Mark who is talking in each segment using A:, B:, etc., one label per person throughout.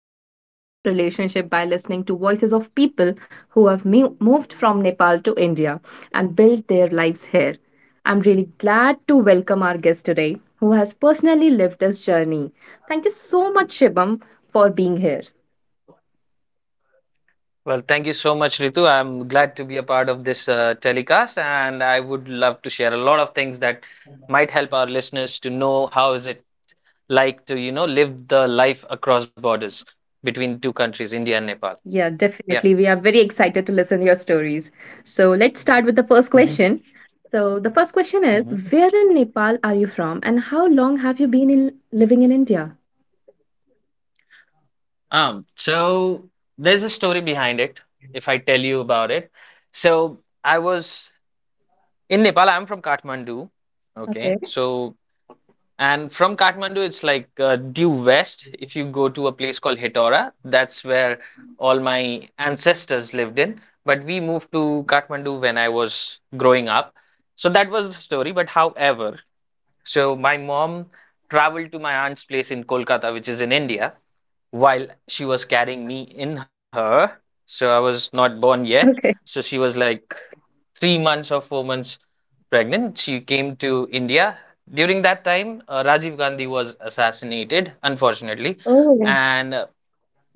A: into Indo Nepal relationship by listening to voices of people who have moved from Nepal to India and built their lives here. I'm really glad to welcome our guest today who has personally lived this journey. Thank you so much, Shibam, for being here.
B: Well, thank you so much, Ritu. I'm glad to be a part of this telecast, and I would love to share a lot of things that might help our listeners to know how is it like to, live the life across borders between two countries, India and Nepal.
A: Yeah,
B: Yeah.
A: definitely. We are very excited to listen your stories. So let's start with the first
B: Mhm.
A: question. So the first question is,
B: Mhm.
A: where in Nepal are you from, and how long have you been in living in India?
B: So there's a story behind it, if I tell you about it. So I was in Nepal, I'm from Kathmandu. Okay.
A: Okay.
B: So And from Kathmandu, it's like due west. If you go to a place called Hetora, that's where all my ancestors lived in. But we moved to Kathmandu when I was growing up. So that was the story. But however, so my mom traveled to my aunt's place in Kolkata, which is in India, while she was carrying me in her. So I was not born yet.
A: Okay.
B: So she was like 3 months or 4 months pregnant. She came to India. During that time, Rajiv Gandhi was assassinated, unfortunately,
A: Oh, yeah.
B: and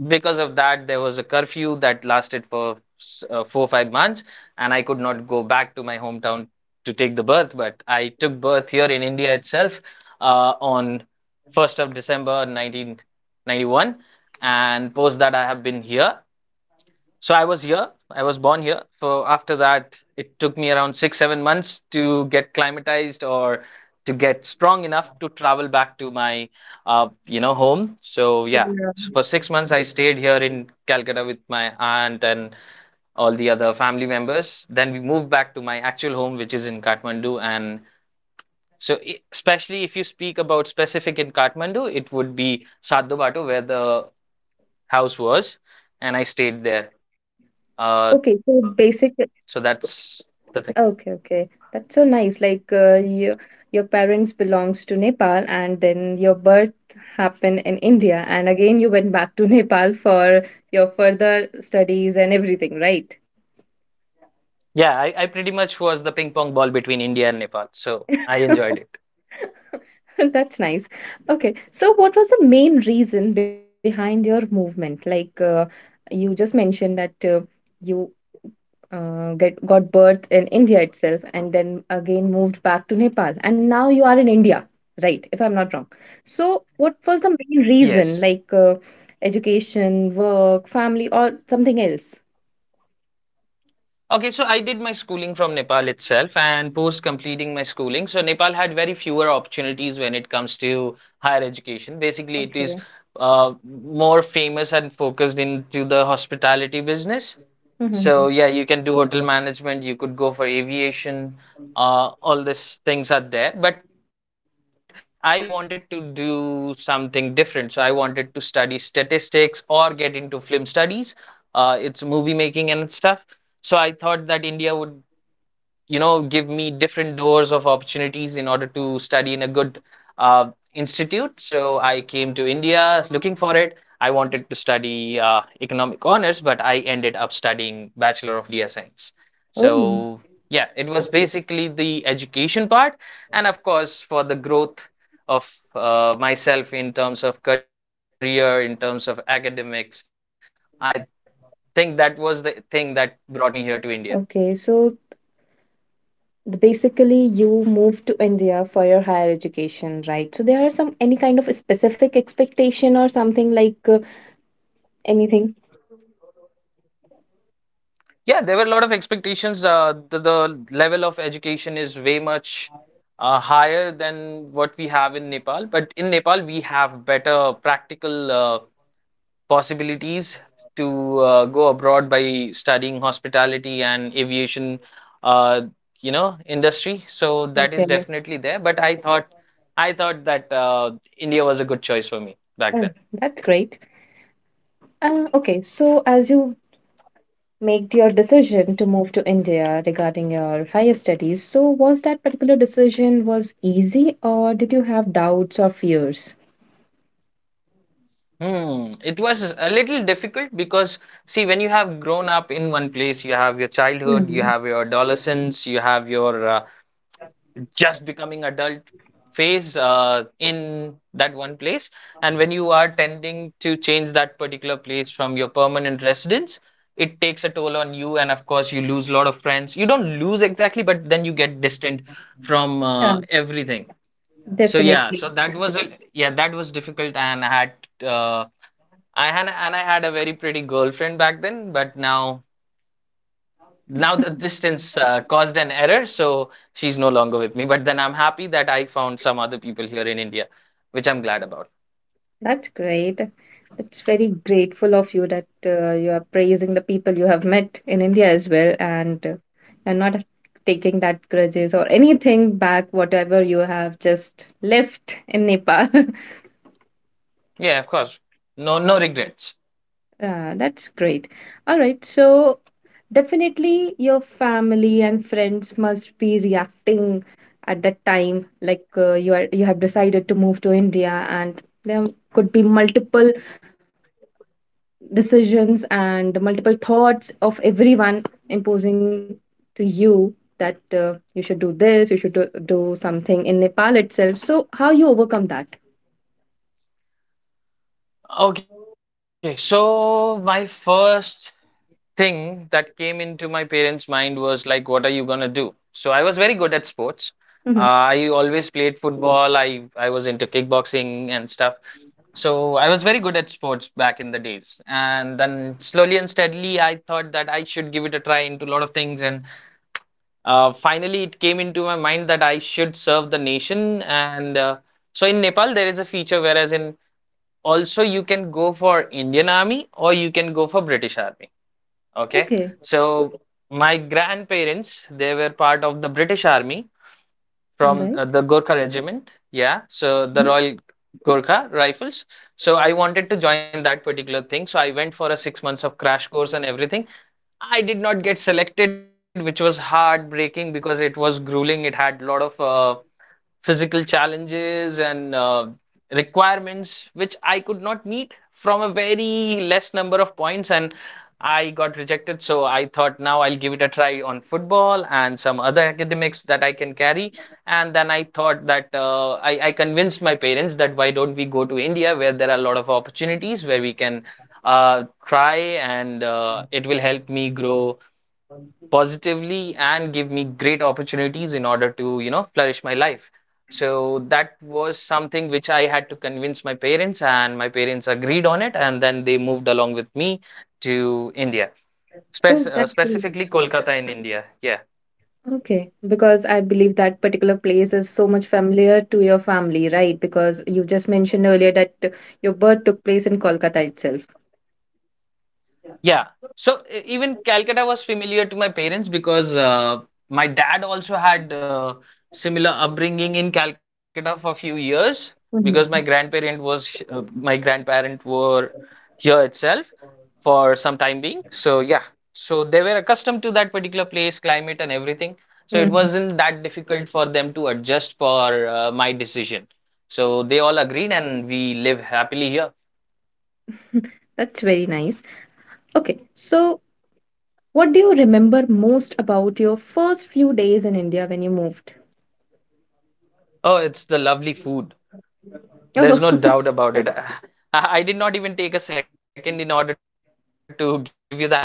B: because of that, there was a curfew that lasted for 4 or 5 months, and I could not go back to my hometown to take the birth. But I took birth here in India itself on 1st of December 1991, and post that I have been here. So I was here. I was born here. So after that, it took me around six, 7 months to get climatized or to get strong enough to travel back to my, home. So yeah, so for 6 months I stayed here in Calcutta with my aunt and all the other family members. Then we moved back to my actual home, which is in Kathmandu. And so, I- especially if you speak about specific in Kathmandu, it would be Sadhubatu, where the house was, and I stayed there uh
A: Okay. So
B: so
A: basic.
B: that's the thing.
A: Okay. Okay. That's so nice. Like your parents belongs to Nepal, and then your birth happened in India, and again you went back to Nepal for your further studies and everything, right?
B: Yeah, I pretty much was the ping pong ball between India and Nepal. So I enjoyed it.
A: That's nice. Okay. So, what was the main reason behind your movement? Like, you just mentioned that you get got birth in India itself, and then again moved back to Nepal, and now you are in India, right? If I'm not wrong. So, what was the main
B: Yes.
A: reason? Like, education, work, family, or something else?
B: Okay, so I did my schooling from Nepal itself, and post completing my schooling, so Nepal had very fewer opportunities when it comes to higher education. Basically, it is
A: Okay.
B: more famous and focused into the hospitality business. So
A: hmm
B: yeah, you can do hotel management, you could go for aviation, all these things are there. But I wanted to do something different. So I wanted to study statistics or get into film studies. It's movie making and stuff. So I thought that India would, you know, give me different doors of opportunities in order to study in a good institute. So I came to India looking for it. I wanted to study economic honors, but I ended up studying Bachelor of Media Science.
A: Oh,
B: So yeah, it was basically the education part, and of course for the growth of myself in terms of career, in terms of academics, I think that was the thing that brought me here to India.
A: okay. So basically you move to India for your higher education, right? So there are some any kind of specific expectation or something like anything?
B: Yeah, there were a lot of expectations. The level of education is way much higher than what we have in Nepal. But in Nepal, we have better practical possibilities to go abroad by studying hospitality and aviation, uh, industry. So that is
A: Okay.
B: definitely there. I thought that India was a good choice for me
A: Oh,
B: back then.
A: that's great. Okay, so as you made your decision to move to India regarding your higher studies, so was that particular decision was easy or did you have doubts or fears?
B: Hmm. It was a little difficult because, see, when you have grown up in one place, you have your childhood, you
A: Hmm.
B: have your adolescence, you have your just becoming adult phase in that one place. And when you are tending to change that particular place from your permanent residence, it takes a toll on you. And of course, you lose a lot of friends. You don't lose exactly, but then you get distant from
A: Yeah,
B: everything. So yeah,
A: definitely.
B: so that was a yeah, that was difficult, had. Uh, and I had a very pretty girlfriend back then, but now the distance caused an error, so she's no longer with me. But then I'm happy that I found some other people here in India, which I'm glad about.
A: That's great. It's very grateful of you that you are praising the people you have met in India as well, and you're not taking that grudges or anything back, whatever you have just left in Nepal.
B: Yeah, of course. No, no regrets.
A: That's great. All right, so definitely your family and friends must be reacting at that time, like you are you have decided to move to India, and there could be multiple decisions and multiple thoughts of everyone imposing to you that you should do this, you should do, do something in Nepal itself. So, how you overcome that?
B: Okay, so my first thing that came into my parents' mind was like, what are you gonna do? So I was very good at sports. I
A: Mhm.
B: always played football. I was into kickboxing and stuff. So I was very good at sports back in the days. And then slowly and steadily, I thought that I should give it a try into a lot of things. And finally, it came into my mind that I should serve the nation. And so in Nepal, there is a feature whereas in also you can go for Indian Army or you can go for British Army. Okay.
A: Okay,
B: So my grandparents, they were part of the British Army
A: all
B: from
A: right.
B: the Gorkha Regiment. Yeah. So the
A: Mhm.
B: Royal Gorkha Rifles. So I wanted to join that particular thing. So I went for a 6 months of crash course and everything. I did not get selected, which was heartbreaking because it was grueling. It had a lot of physical challenges and requirements which I could not meet from a very less number of points and I got rejected. So I thought now I'll give it a try on football and some other academics that I can carry. And then I thought that I convinced my parents that why don't we go to India where there are a lot of opportunities where we can try and it will help me grow positively and give me great opportunities in order to, you know, flourish my life. So that was something which I had to convince my parents, and my parents agreed on it, and then they moved along with me to India,
A: Oh, that's great.
B: specifically Kolkata in India. Yeah.
A: Okay. Because I believe that particular place is so much familiar to your family, right? Because you just mentioned earlier that your birth took place in Kolkata itself.
B: Yeah. So even Calcutta was familiar to my parents because my dad also had similar upbringing in Calcutta for a few years because
A: Mhm.
B: my grandparent were here itself for some time being. So yeah, so they were accustomed to that particular place, climate and everything. So it
A: Mhm.
B: wasn't that difficult for them to adjust for my decision. So they all agreed and we live happily here.
A: That's very nice. Okay, so what do you remember most about your first few days in India when you moved?
B: Oh, it's the lovely food. There's
A: Oh,
B: no doubt about it. I did not even take a second in order to give you the answer.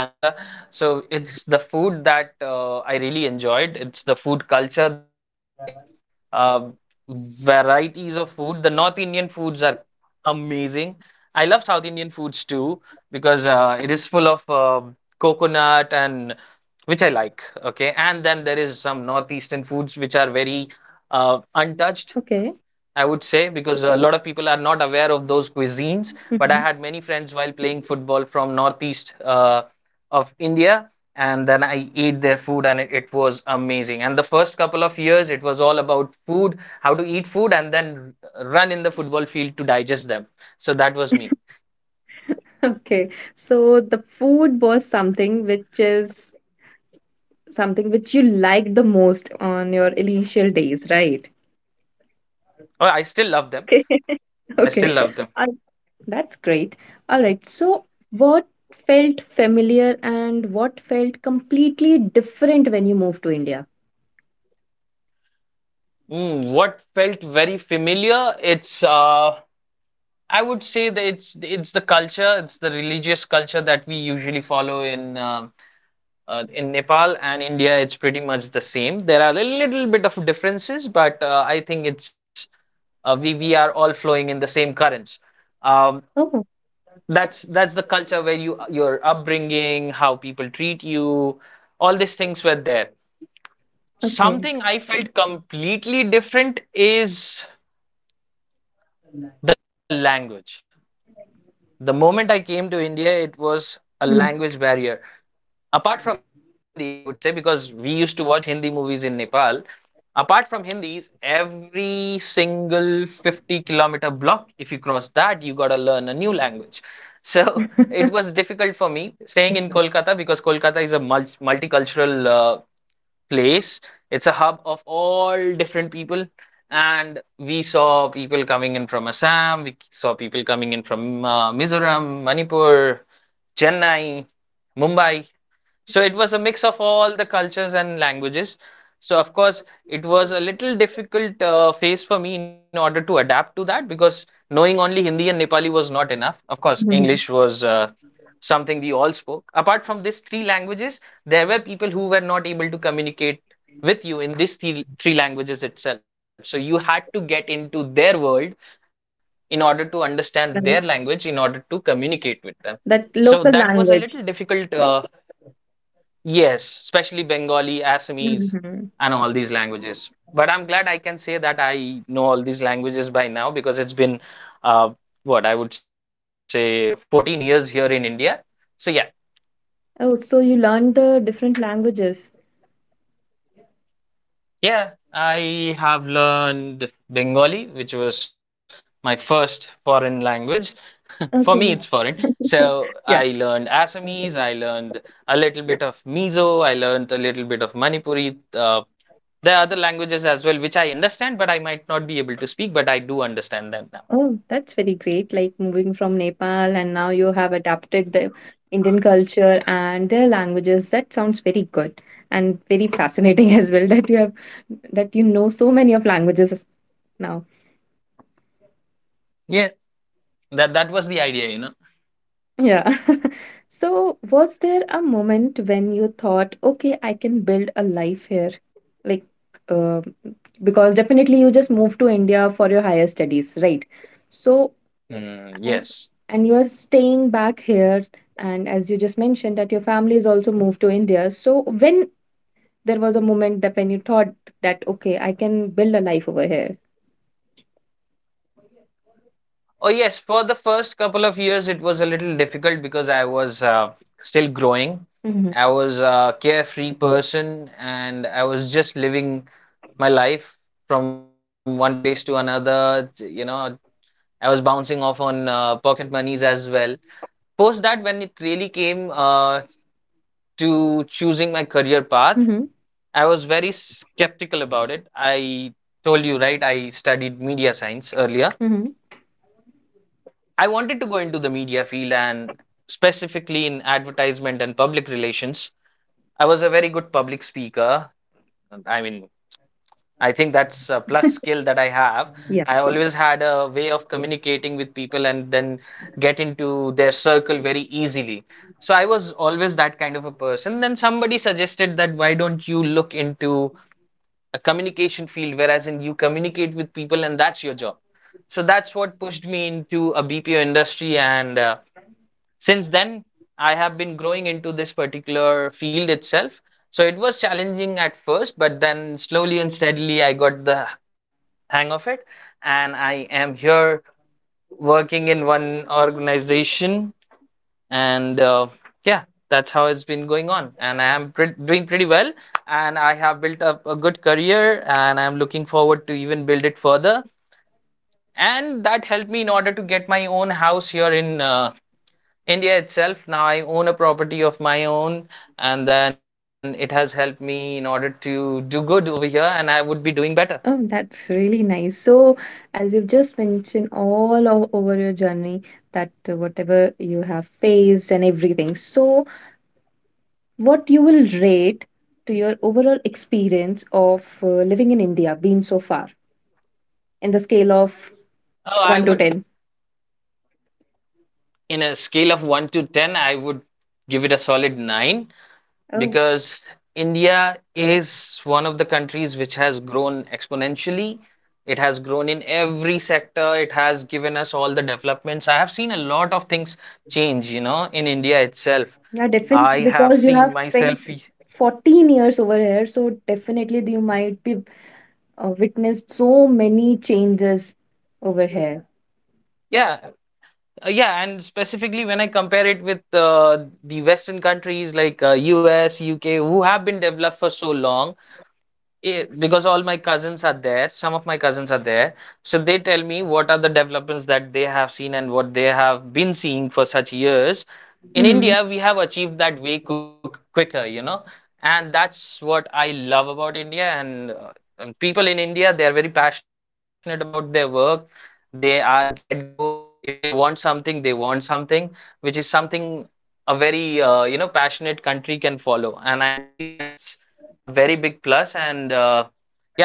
B: So it's the food that I really enjoyed. It's the food culture that you can say. Uh, Varieties of food. The North Indian foods are amazing. I love South Indian foods too because it is full of coconut and which I like. Okay, and then there is some northeastern foods which are very untouched.
A: okay.
B: I would say because a lot of people are not aware of those cuisines. But I
A: Mhm.
B: had many friends while playing football from northeast of India, and then I ate their food, and it was amazing. And the first couple of years, it was all about food, how to eat food, and then run in the football field to digest them. So that was me.
A: Okay. So the food was something which is something which you liked the most on your initial days, right?
B: Oh, I still love them.
A: Okay.
B: I
A: Okay.
B: still love them.
A: Uh, that's great. All right. So what felt familiar and what felt completely different when you moved to India?
B: Mm, what felt very familiar? It's I would say that it's the culture, it's the religious culture that we usually follow in Nepal and India. It's pretty much the same. There are a little bit of differences, but I think it's we are all flowing in the same currents. Um,
A: Oh,
B: that's the culture where you your upbringing, how people treat you, all these things were there.
A: okay.
B: Something I felt completely different is the language. The moment I came to India, it was a
A: Mhm.
B: language barrier. Apart from Hindi, I would say, because we used to watch Hindi movies in Nepal. Apart from Hindis, every single 50-kilometer block, if you cross that, you gotta learn a new language. So it was difficult for me staying in Kolkata because Kolkata is a multicultural uh, place. It's a hub of all different people. And we saw people coming in from Assam, we saw people coming in from Mizoram, Manipur, Chennai, Mumbai. So it was a mix of all the cultures and languages. So of course, it was a little difficult phase for me in order to adapt to that because knowing only Hindi and Nepali was not enough. Of course, English
A: Mhm.
B: was something we all spoke. Apart from these three languages, there were people who were not able to communicate with you in three languages itself. So you had to get into their world in order to understand their language, in
A: Right.
B: order to communicate with them. So that
A: That
B: was a
A: local
B: little difficult
A: language.
B: uh, Yes, especially Bengali, Assamese, and all these languages. But I'm glad I can say that I know all these languages by now because it's been, uh, what I would say, 14 years here in India. So yeah,
A: Oh, so you learned the different languages.
B: yeah, I have learned Bengali, which was my first foreign language. For me,
A: Okay.
B: it's foreign. So
A: Yeah.
B: I learned Assamese, I learned a little bit of Mizo, I learned a little bit of Manipuri. There are other languages as well which I understand, but I might not be able to speak, but I do understand them now.
A: Oh, that's very great. Like moving from Nepal and now you have adapted the Indian culture and their languages. That sounds very good and very fascinating as well that you have that you know so many of languages now.
B: Yeah, that was the idea.
A: Yeah. So, was there a moment when you thought, okay, I can build a life here? Like, uh, because definitely you just moved to India for your higher studies, right? So,
B: Mm,
A: and
B: yes.
A: and you are staying back here. And as you just mentioned, that your family is also moved to India. So, when there was a moment that when you thought that, okay, I can build a life over here.
B: Oh yes, for the first couple of years it was a little difficult because I was still growing.
A: Mm-hmm.
B: I was a carefree person and I was just living my life from one place to another. You know, I was bouncing off on pocket monies as well. Post that, when it really came to choosing my career path,
A: Mm-hmm.
B: I was very skeptical about it. I told you, right? I studied media science earlier.
A: Mm-hmm.
B: I wanted to go into the media field and specifically in advertisement and public relations. I was a very good public speaker. I mean, I think that's a plus skill that I have. I always had a way of communicating with people and then get into their circle very easily. So I was always that kind of a person. Then somebody suggested that why don't you look into a communication field, whereas in you communicate with people and that's your job. So that's what pushed me into a BPO industry. And since then, I have been growing into this particular field itself. So it was challenging at first, but then slowly and steadily, I got the hang of it. And I am here working in one organization, and yeah, that's how it's been going on, and I am doing pretty well, and I have built up a good career, and I'm looking forward to even build it further, and that helped me in order to get my own house here in India itself. Now I own a property of my own, and then it has helped me in order to do good over here, and I would be doing better.
A: Oh, that's really nice. So, as you've just mentioned all over your journey, that whatever you have faced and everything, so what you will rate to your overall experience of living in India been so far in the scale of
B: Oh
A: 1
B: I
A: to
B: would
A: 10?
B: In a scale of 1 to 10, I would give it a solid 9,
A: Oh,
B: because India is one of the countries which has grown exponentially. It has grown in every sector. It has given us all the developments. I have seen a lot of things change, you know, in India itself.
A: yeah, definitely
B: I
A: because
B: have
A: you have
B: seen
A: spent
B: myself,
A: 14 years over here, so definitely you might be witnessed so many changes over here.
B: yeah, yeah, and specifically when I compare it with the Western countries like US, UK, who have been developed for so long it, because all my cousins are there, some of my cousins are there, so they tell me what are the developments that they have seen and what they have been seeing for such years. In
A: Mhm.
B: India, we have achieved that way quicker, you know, and that's what I love about India. And people in India, they are very passionate about their work. They are get-goers. If they want something, they want something, which is something a very passionate country can follow. And I believe that's a very big plus and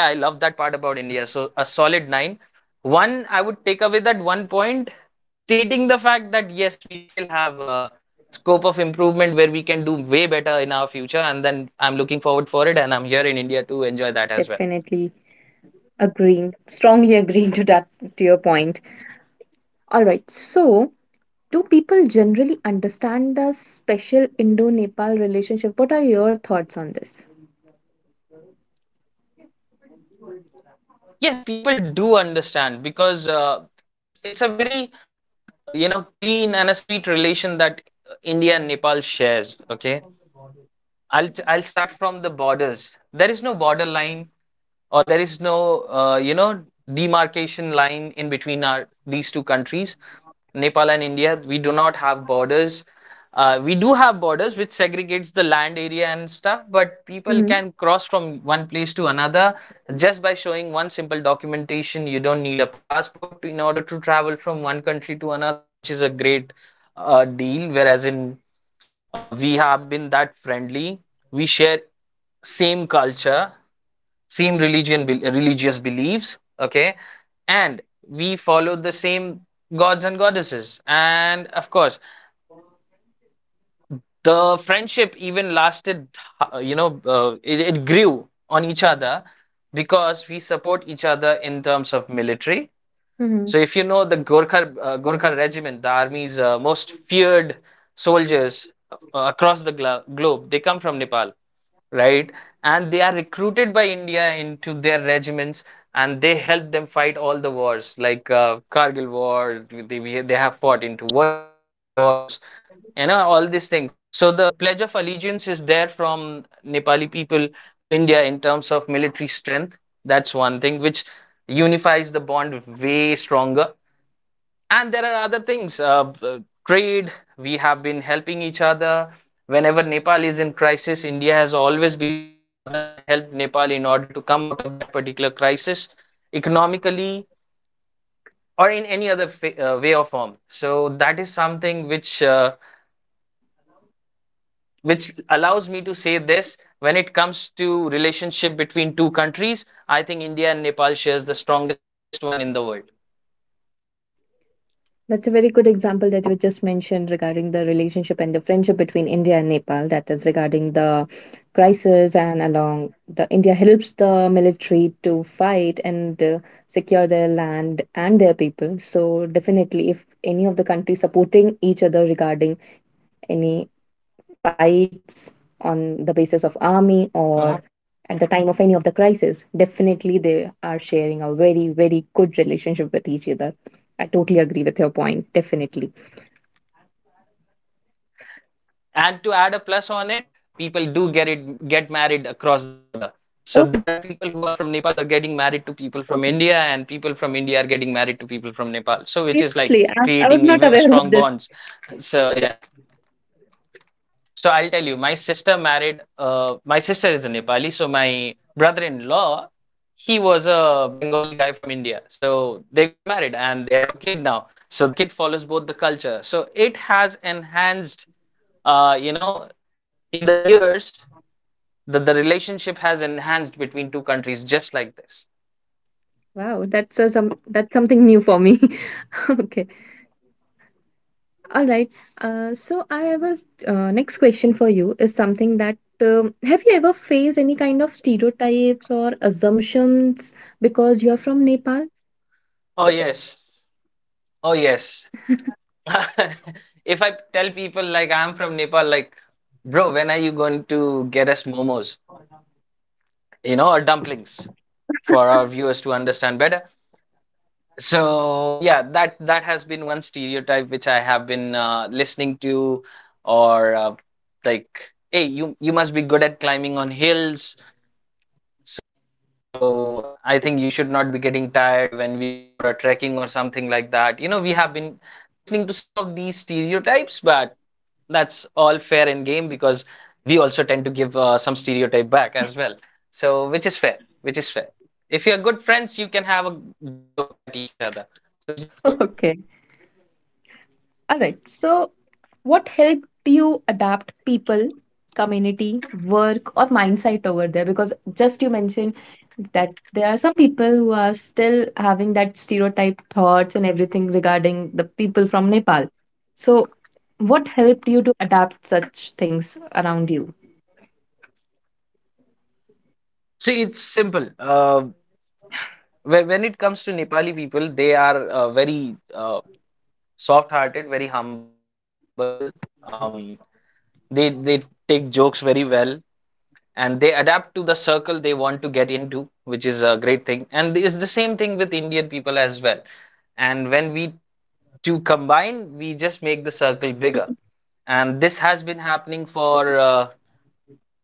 B: yeah, I love that part about India. So a solid nine. One, I would take away that one point, stating the fact that yes, we still have a scope of improvement where we can do way better in our future, and then I'm looking forward for it, and I'm here in India to enjoy that as well.
A: Definitely. Agreeing, strongly agreeing to that to your point. All right. So, do people generally understand the special Indo-Nepal relationship? What are your thoughts on this?
B: Yes, people do understand because it's a very clean and a sweet relation that India and Nepal shares. Okay, I'll start from the borders. There is no border line, or there is no demarcation line in between our these two countries, Nepal and India. We do not have borders. We do have borders which segregates the land area and stuff, but people
A: Hmm.
B: can cross from one place to another just by showing one simple documentation. You don't need a passport in order to travel from one country to another, which is a great deal. Whereas in we have been that friendly. We share same culture, same religious beliefs. Okay, and we follow the same gods and goddesses. And of course, the friendship even lasted. It grew on each other because we support each other in terms of military.
A: Hmm.
B: So, if you know the Gorkha regiment, the army's most feared soldiers across the globe, they come from Nepal, right? And they are recruited by India into their regiments, and they help them fight all the wars, like Kargil War, they have fought into world wars, you know, all these things. So, the Pledge of Allegiance is there from Nepali people to India in terms of military strength. That's one thing which unifies the bond way stronger, and there are other things, trade, we have been helping each other. Whenever Nepal is in crisis, India has always been the big brother that helped Nepal in order to come out of that particular crisis economically or in any other way or form. So that is something which allows me to say this when it comes to relationship between two countries, I think India and Nepal shares the strongest one in the world.
A: That's a very good example that you just mentioned regarding the relationship and the friendship between India and Nepal. That is regarding the crisis and along the India helps the military to fight and secure their land and their people. So definitely, if any of the countries supporting each other regarding any fights on the basis of army or
B: Mm-hmm.
A: at the time of any of the crisis, definitely they are sharing a very very good relationship with each other. I totally agree with your point, definitely.
B: And to add a plus on it, people do get it get married across the border, so there are people who are from Nepal who are getting married to people from India, and people from India are getting married to people from Nepal, so which is like creating even a strong bonds. So yeah, so I'll tell you my sister married, my sister is a Nepali, so my brother-in-law, he was a Bengali guy from India, so they got married, and they have a kid now, so the kid follows both the culture, so it has enhanced, uh, you know in the years, that the relationship has enhanced between two countries just like this.
A: Wow, that's some that's something new for me. Okay. All right. So I was next question for you is something that have you ever faced any kind of stereotypes or assumptions because you are from Nepal?
B: Oh yes. Oh yes. If I tell people like I'm from Nepal, like, bro, when are you going to get us momos? Or dumplings, for our viewers to understand better. So yeah, that has been one stereotype which I have been listening to, or like, hey, you must be good at climbing on hills. So I think you should not be getting tired when we go for a trekking or something like that. We have been listening to some of these stereotypes, but that's all fair in game because we also tend to give some stereotype back as well. So which is fair, which is fair. If you're good friends, you can have a joke at each other. So which is good.
A: Okay. All right. So, what helped you adapt people, community, work, or mindset over there? Because just you mentioned that there are some people who are still having that stereotype thoughts and everything regarding the people from Nepal. So, what helped you to adapt such things around you?
B: See, it's simple. When it comes to Nepali people, they are very soft-hearted, very humble. Um, they take jokes very well, and they adapt to the circle they want to get into, which is a great thing. And it's the same thing with Indian people as well. And when we two combine, we just make the circle bigger. And this has been happening for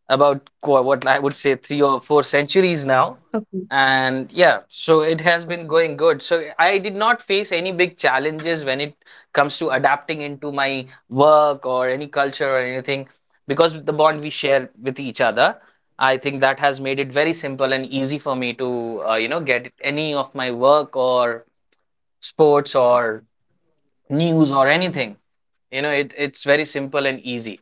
B: about what I would say 3 or 4 centuries now.
A: Okay.
B: And yeah, so it has been going good. So I did not face any big challenges when it comes to adapting into my work or any culture or anything because the bond we share with each other. I think that has made it very simple and easy for me to, get any of my work or sports or news or anything. It's very simple and easy.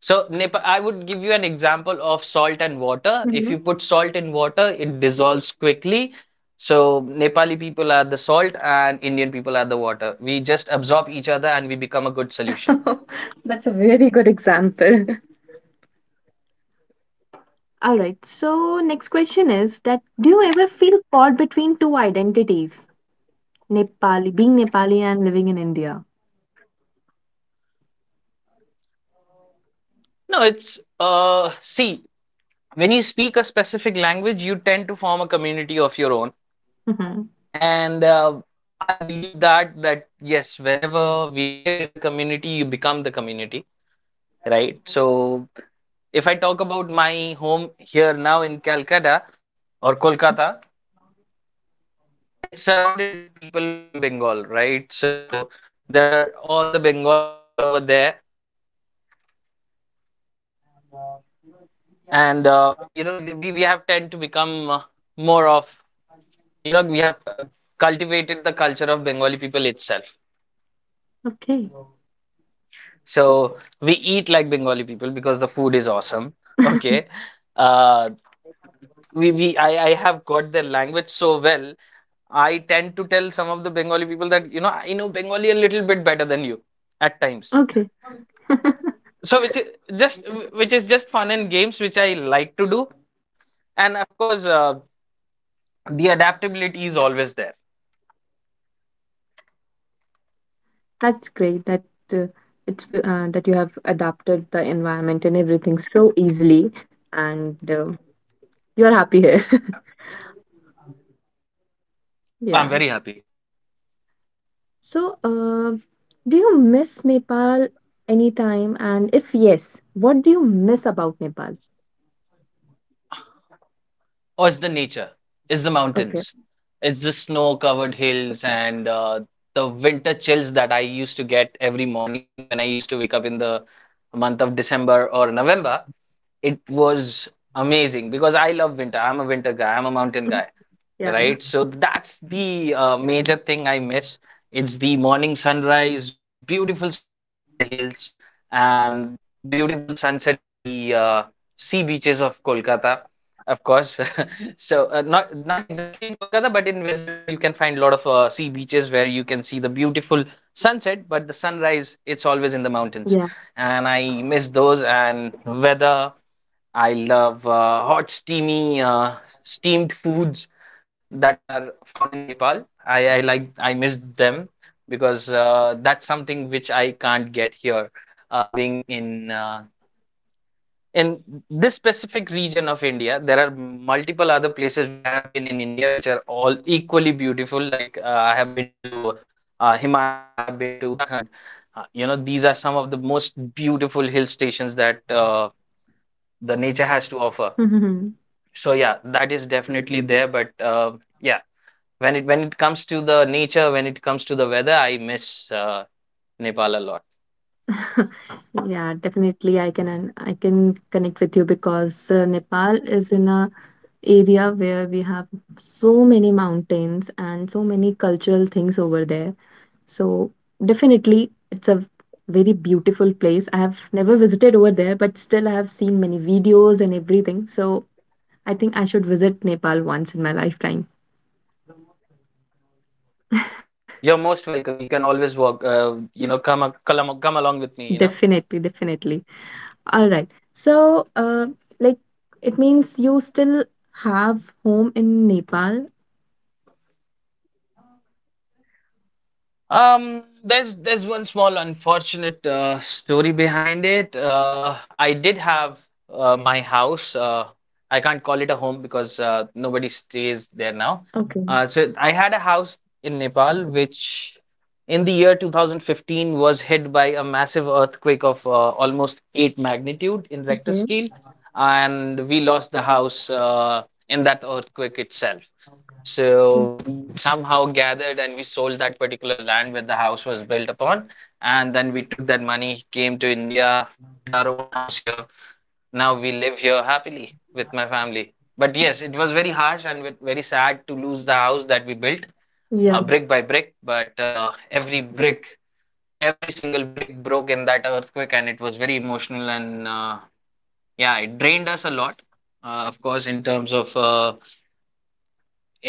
B: So, Nepal, I would give you an example of salt and water. If
A: Mhm.
B: you put salt in water, it dissolves quickly. So, Nepali people are the salt and Indian people are the water. We just absorb each other and we become a good solution.
A: That's a very good example. All right. So, next question is that do you ever feel caught between two identities? Nepali, being Nepali and living in India.
B: No, it's see, when you speak a specific language, you tend to form a community of your own.
A: Mhm.
B: And I believe that yes, whenever we live in a community, you become the community, right? So if I talk about my home here now in Calcutta or Kolkata, it's surrounded with people from Bengal, right? So there are all the Bengali people over there, and we have tend to become more of, we have cultivated the culture of Bengali people itself.
A: Okay,
B: So we eat like Bengali people because the food is awesome. Okay, uh, we I have got their language so well. I tend to tell some of the Bengali people that, you know, I know Bengali a little bit better than you at times.
A: okay.
B: So which is just fun and games, which I like to do, and of course, the adaptability is always there.
A: That's great that uh, that you have adapted the environment and everything so easily, and you're happy here.
B: I'm
A: Yeah.
B: very happy.
A: So, do you miss Nepal anytime? And if yes, what do you miss about Nepal?
B: Oh, it's the nature. It's the mountains.
A: Okay.
B: It's the snow-covered hills and the winter chills that I used to get every morning when I used to wake up in the month of December or November. It was amazing because I love winter. I'm a winter guy. I'm a mountain guy,
A: Yeah.
B: right? So that's the major thing I miss. It's the morning sunrise, beautiful sunrise in the hills, and beautiful sunset in the sea beaches of Kolkata. Of course. So, not exactly in Kolkata, but in West Bengal, you can find a lot of sea beaches where you can see the beautiful sunset, but the sunrise, it's always in the mountains.
A: Yeah.
B: And I miss those and weather. I love hot, steamy, steamed foods that are found in Nepal. I miss them because that's something which I can't get here, being in this specific region of India. There are multiple other places where I have been in India, which are all equally beautiful. Like, I have been to Himachal, I have been to Uttarakhand. You know, these are some of the most beautiful hill stations that the nature has to offer.
A: Mhm.
B: So yeah, that is definitely there. But yeah, when it comes to the nature, when it comes to the weather, I miss Nepal a lot.
A: Yeah, definitely. I can I can connect with you because Nepal is in a area where we have so many mountains and so many cultural things over there. So definitely it's a very beautiful place. I have never visited over there, but still I have seen many videos and everything. So I think I should visit Nepal once in my lifetime.
B: You're most welcome. You can always walk. Come along with me, you know.
A: Definitely, definitely. All right. So, like, it means you still have home in Nepal.
B: There's one small unfortunate story behind it. I did have my house. I can't call it a home because nobody stays there now.
A: Okay.
B: So I had a house in Nepal, which in the year 2015 was hit by a massive earthquake of almost 8 magnitude in Richter
A: Okay.
B: scale, and we lost the house in that earthquake itself. So we somehow gathered and we sold that particular land where the house was built upon. And then we took that money, came to India, we built our own house here. Now we live here happily with my family. But yes, it was very harsh and very sad to lose the house that we built,
A: Yeah,
B: brick by brick. But every single brick broke in that earthquake, and it was very emotional and, yeah, it drained us a lot. Of course, in terms of, uh,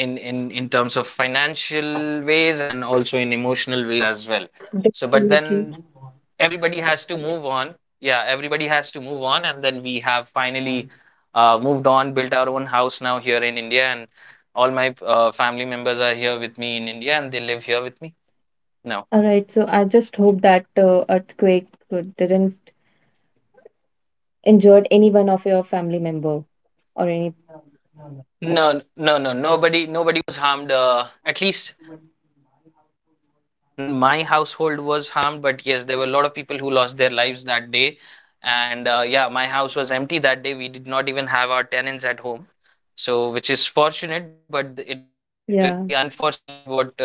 B: in in in terms of financial ways and also in emotional ways as well. So but
A: definitely.
B: then everybody has to move on. Yeah, everybody has to move on, and then we have finally moved on, built our own house now here in India, and all my family members are here with me in India and they live here with me now.
A: All right, so I just hope that earthquake didn't injured any one of your family member or any.
B: No, no, no. Nobody, nobody was harmed. At least not anybody in my household was harmed. But yes, there were a lot of people who lost their lives that day. And, yeah, my house was empty that day. We did not even have our tenants at home. So, which is fortunate, but it is very
A: Yeah,
B: unfortunate what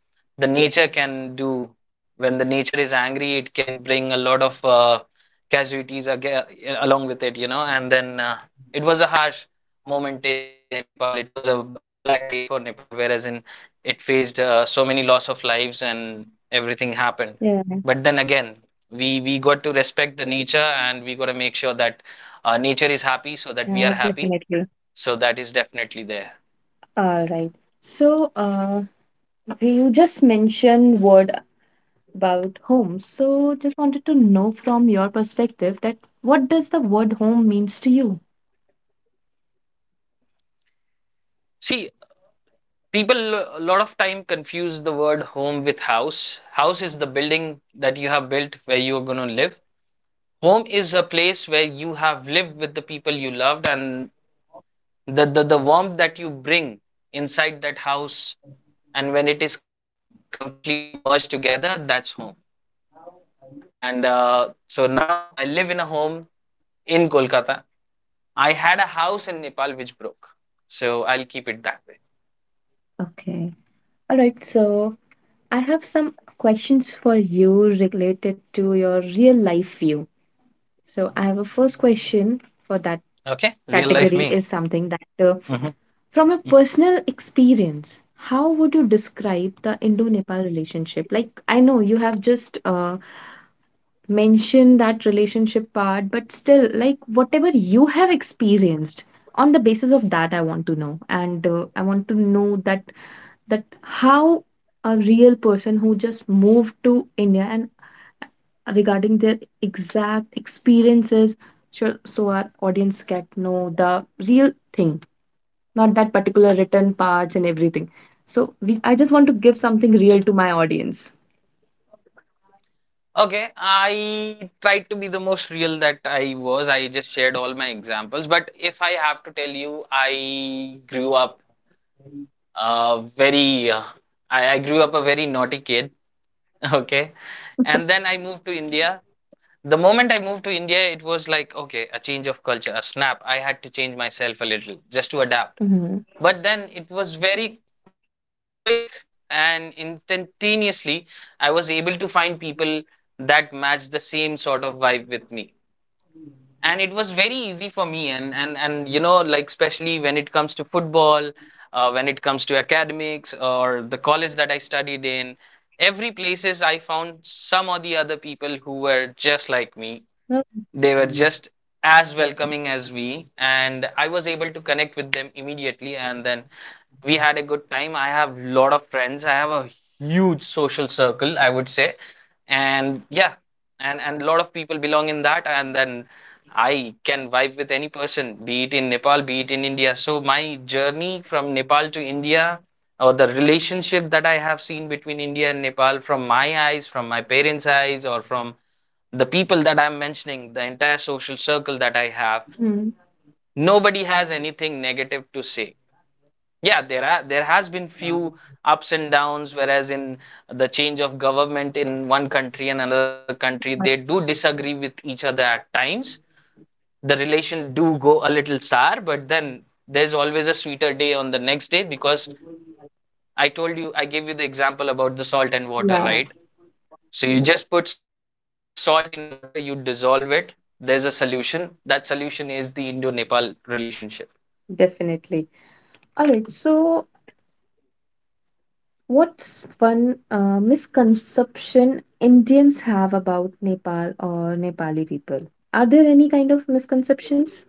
B: the nature can do. When the nature is angry, it can bring a lot of casualties aga along with it, you know. And then it was a harsh moment in Nepal. It was a, uh, black day for Nepal, whereas in it faced so many loss of lives and everything happened.
A: yeah,
B: But then again, we got to respect the nature, and we got to make sure that nature is happy so that we are
A: yeah,
B: happy.
A: definitely.
B: So that is definitely there.
A: All right. So, you just mentioned word about home. So, just wanted to know from your perspective that what does the word home means to you?
B: See, people a lot of time confuse the word home with house. House is the building that you have built where you are going to live. Home is a place where you have lived with the people you loved, and the warmth that you bring inside that house, and when it is completely merged together, that's home. And so now I live in a home in Kolkata. I had a house in Nepal which broke, so I'll keep it that way.
A: Okay. All right. So, I have some questions for you related to your real life view. So, I have a first question for that.
B: Okay, real life me.
A: Category is something that,
B: Mhm.
A: from a personal experience, how would you describe the Indo-Nepal relationship? Like, I know you have just mentioned that relationship part, but still, like, whatever you have experienced, on the basis of that, I want to know, and I want to know that that how a real person who just moved to India and regarding their exact experiences, so, so our audience can know the real thing, not that particular written parts and everything. So I just want to give something real to my audience.
B: Okay, I tried to be the most real that I was. I just shared all my examples. But if I have to tell you, I grew up, very I grew up a very naughty kid. Okay. And then I moved to India. The moment I moved to India, it was like, okay, a change of culture, a snap. I had to change myself a little just to adapt.
A: Mm-hmm.
B: But then it was very quick, and instantaneously I was able to find people that matched the same sort of vibe with me. And it was very easy for me, and, you know, like especially when it comes to football, when it comes to academics or the college that I studied in, every places I found some or the other people who were just like me.
A: No.
B: They were just as welcoming as we, and I was able to connect with them immediately. And then we had a good time. I have a lot of friends. I have a huge social circle, I would say. And yeah, and a lot of people belong in that. And then I can vibe with any person, be it in Nepal, be it in India. So my journey from Nepal to India, or the relationship that I have seen between India and Nepal from my eyes, from my parents' eyes, or from the people that I'm mentioning, the entire social circle that I have,
A: Hmm.
B: nobody has anything negative to say. Yeah, there has been few ups and downs, whereas in the change of government in one country and another country, they
A: But
B: do disagree with each other at times. The relation do go a little sour, but then there's always a sweeter day on the next day, because I told you, I gave you the example about the salt and water,
A: yeah,
B: right? So you just put salt in water, you dissolve it. There's a solution. That solution is the Indo-Nepal relationship.
A: definitely. All right. So, what's one misconception Indians have about Nepal or Nepali people? Are there any kind of misconceptions?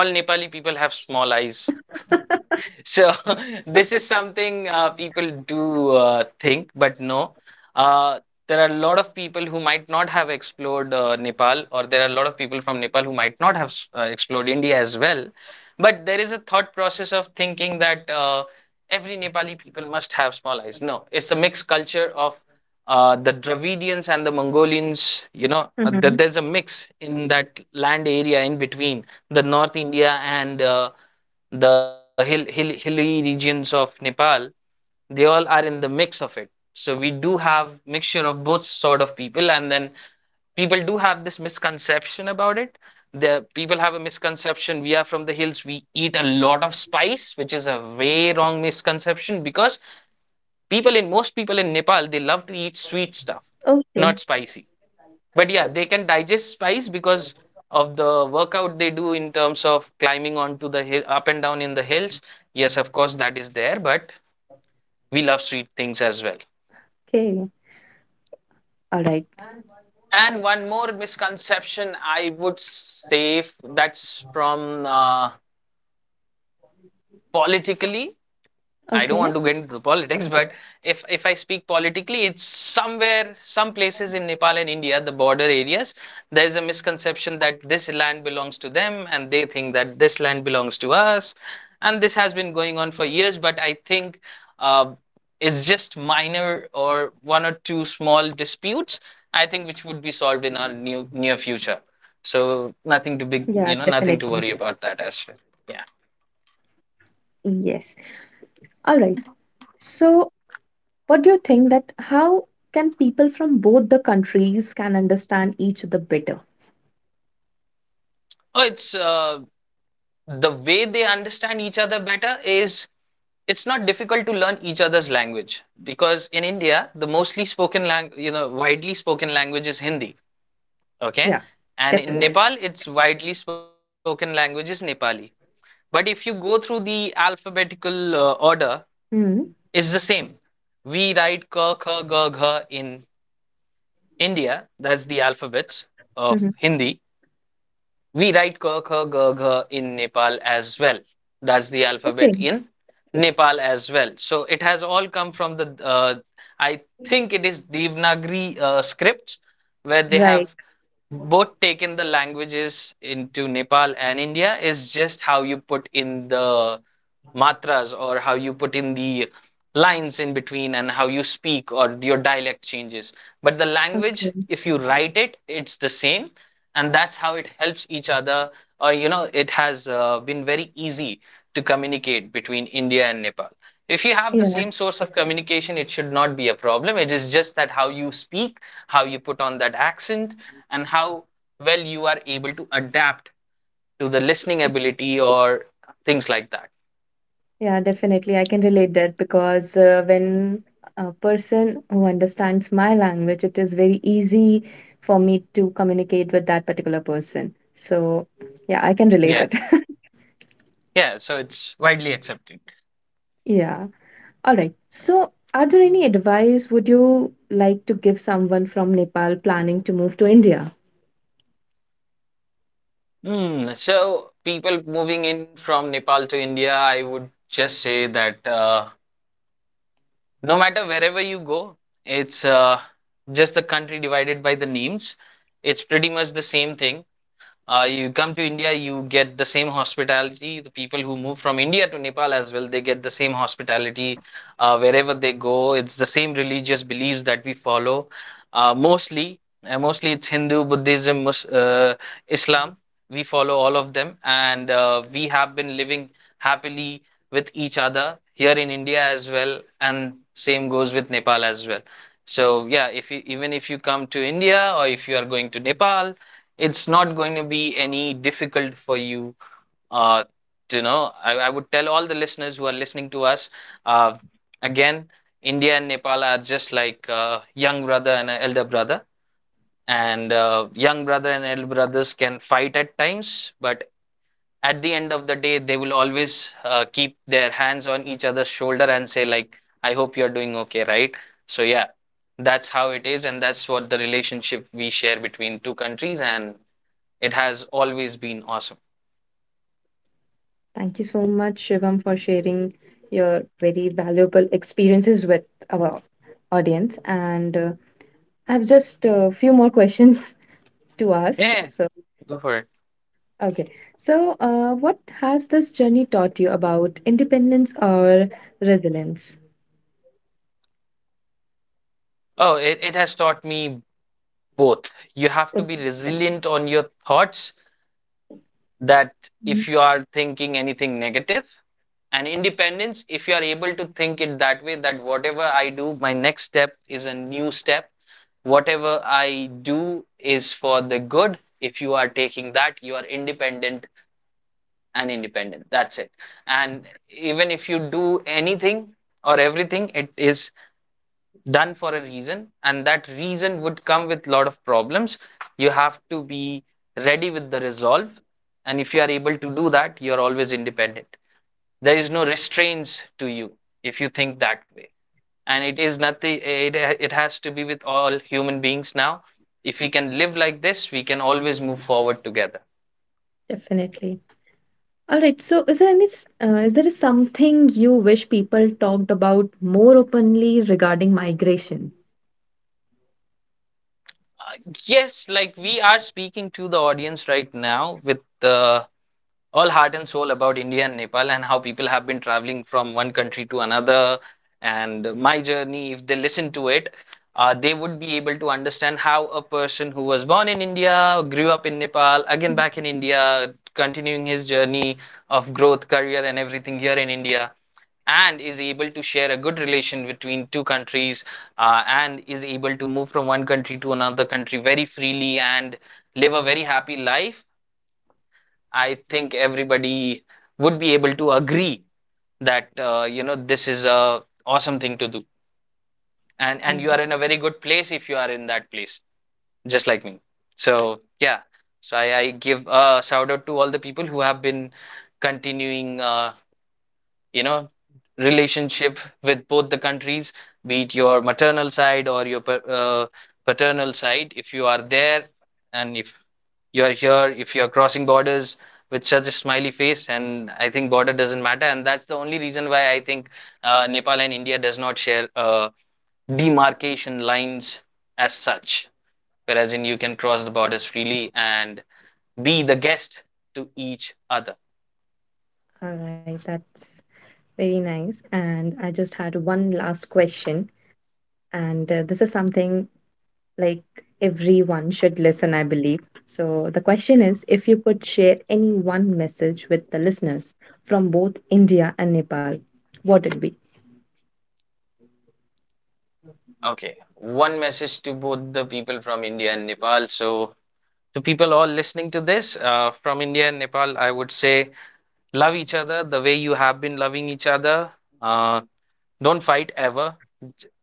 B: All Nepali people have small eyes. So this is something people do think, but no. Uh, there are a lot of people who might not have explored Nepal, or there are a lot of people from Nepal who might not have explored India as well. But there is a thought process of thinking that every Nepali people must have small eyes. No, it's a mixed culture of the Dravidians and the Mongolians. You know, that
A: Mhm.
B: there's a mix in that land area in between the North India and hilly regions of Nepal. They all are in the mix of it, so we do have mixture of both sort of people. And then people do have this misconception about it. The people have a misconception we are from the hills, we eat a lot of spice, which is a way wrong misconception, because people in Nepal, they love to eat sweet stuff,
A: Okay.
B: not spicy. But yeah, they can digest spice because of the workout they do in terms of climbing onto the hill up and down in the hills. Yes, of course that is there, but we love sweet things as well.
A: Okay. All right.
B: And one more misconception I would say, that's from, politically, I don't
A: Okay.
B: want to get into politics, but if I speak politically, it's somewhere, some places in Nepal and India, the border areas, there is a misconception that this land belongs to them, and they think that this land belongs to us, and this has been going on for years. But I think, uh, it's just minor or one or two small disputes, I think, which would be solved in our new near future. So
A: Yeah,
B: nothing to
A: definitely.
B: big, you know, nothing to worry about that as well. Yeah.
A: Yes. All right. So what do you think that how can people from both the countries can understand each other better?
B: Oh, it's, the way they understand each other better is it's not difficult to learn each other's language, because in India the mostly spoken language, you know, widely spoken language is Hindi.
A: Yeah,
B: Okay. And
A: definitely.
B: in, yeah, Nepal it's widely spoken language is Nepali. But if you go through the alphabetical order,
A: Hmm.
B: it's the same. We write ka kha ga gha in India. That's the alphabets of
A: Hmm.
B: Hindi. We write ka, kha, ga, gha in Nepal as well. That's the
A: Okay.
B: alphabet in Nepal as well. So it has all come from I think it is Devanagari scripts where they
A: Right.
B: have both taken the languages into Nepal and India. Is just how you put in the matras or how you put in the lines in between and how you speak or your dialect changes. But the language,
A: Okay.
B: if you write it, it's the same. And that's how it helps each other, it has been very easy to communicate between India and Nepal. If you have the
A: Yeah.
B: same source of communication, it should not be a problem. It is just that how you speak, how you put on that accent, and how well you are able to adapt to the listening ability or things like that.
A: Yeah, definitely. I can relate that because when a person who understands my language, it is very easy for me to communicate with that particular person. So, yeah, I can relate
B: Yeah,
A: it.
B: yeah, so it's widely accepted.
A: Yeah. All right. So, are there any advice would you like to give someone from Nepal planning to move to India?
B: Mm, so people moving in from Nepal to India, I would just say that no matter wherever you go, it's just the country divided by the names. It's pretty much the same thing. You come to India, you get the same hospitality. The people who move from India to Nepal as well, they get the same hospitality wherever they go. It's the same religious beliefs that we follow. Mostly it's Hindu, Buddhism, Mus Islam. We follow all of them, and we have been living happily with each other here in India as well, and same goes with Nepal as well. So yeah, if you even if you come to India or if you are going to Nepal, it's not going to be any difficult for you uh, to know. I would tell all the listeners who are listening to us uh, again, India and Nepal are just like young brother and a elder brother, and young brother and elder brothers can fight at times, but at the end of the day, they will always keep their hands on each other's shoulder and say like, "I hope you're doing okay, right?" So yeah, that's how it is, and that's what the relationship we share between two countries, and it has always been awesome.
A: Thank you so much, Shivam, for sharing your very valuable experiences with our audience. And I have just a few more questions to ask.
B: Yeah,
A: So,
B: go for it.
A: okay. So, what has this journey taught you about independence or resilience?
B: Oh, it has taught me both. You have to be resilient on your thoughts that
A: Mhm.
B: if you are thinking anything negative, and independence if you are able to think it that way, that whatever I do, my next step is a new step. Whatever I do is for the good. If you are taking that, you are independent and independent. That's it. And even if you do anything or everything, it is done for a reason, and that reason would come with a lot of problems. You have to be ready with the resolve, and if you are able to do that, you are always independent. There is no restraints to you if you think that way. And it is nothing, it has to be with all human beings. Now if we can live like this, we can always move forward together.
A: Definitely. All right. So, is there any, is there something you wish people talked about more openly regarding migration?
B: Yes, like we are speaking to the audience right now with all heart and soul about India and Nepal and how people have been traveling from one country to another. And my journey, if they listen to it, they would be able to understand how a person who was born in India, grew up in Nepal, again back in India, continuing his journey of growth, career, and everything here in India, and is able to share a good relation between two countries and is able to move from one country to another country very freely and live a very happy life. I think everybody would be able to agree that you know, this is a awesome thing to do,
A: All
B: and you
A: right.
B: are in a very good place if you are in that place, just like me. So yeah, so I give a shout out to all the people who have been continuing you know relationship with both the countries, be it your maternal side or your paternal side, if you are there, and if you are here, if you are crossing borders with such a smiley face. And I think border doesn't matter, and that's the only reason why I think Nepal and India does not share demarcation lines as such, whereas in you can cross the borders freely and be the guest to each other.
A: All right. That's very nice. And I just had one last question. And this is something like everyone should listen, I believe. So the question is, if you could share any one message with the listeners from both India and Nepal, what it be?
B: Okay, one message to both the people from India and Nepal. So, to people all listening to this from India and Nepal, I would say love each other the way you have been loving each other. Uh, don't fight ever.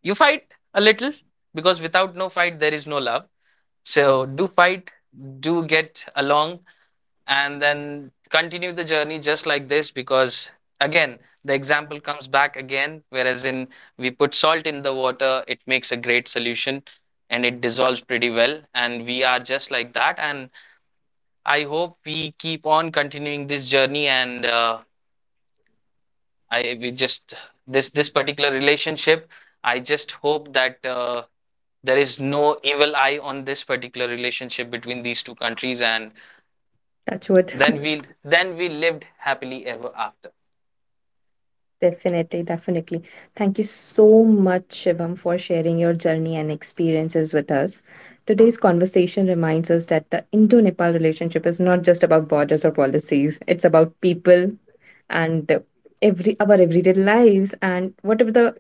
B: You fight a little because without no fight, there is no love. So, do fight, do get along, and then continue the journey just like this because again the example comes back again, whereas in we put salt in the water, it makes a great solution and it dissolves pretty well, and we are just like that. And I hope we keep on continuing this journey, and I we just this particular relationship, I just hope that there is no evil eye on this particular relationship between these two countries, and
A: That's what.
B: then we then we lived happily ever after.
A: Definitely, definitely. Thank you so much, Shivam, for sharing your journey and experiences with us. Today's conversation reminds us that the Indo Nepal relationship is not just about borders or policies, it's about people, and every our everyday lives and whatever the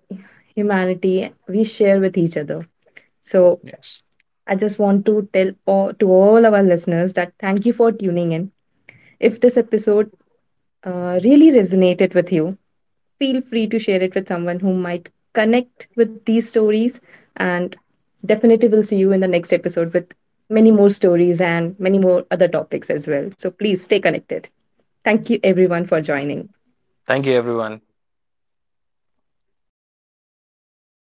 A: humanity we share with each other. So
B: Yes.
A: I just want to to all our listeners that thank you for tuning in. If this episode really resonated with you, feel free to share it with someone who might connect with these stories. And definitely we'll see you in the next episode with many more stories and many more other topics as well, so please stay connected. Thank you everyone for joining.
B: Thank you, everyone.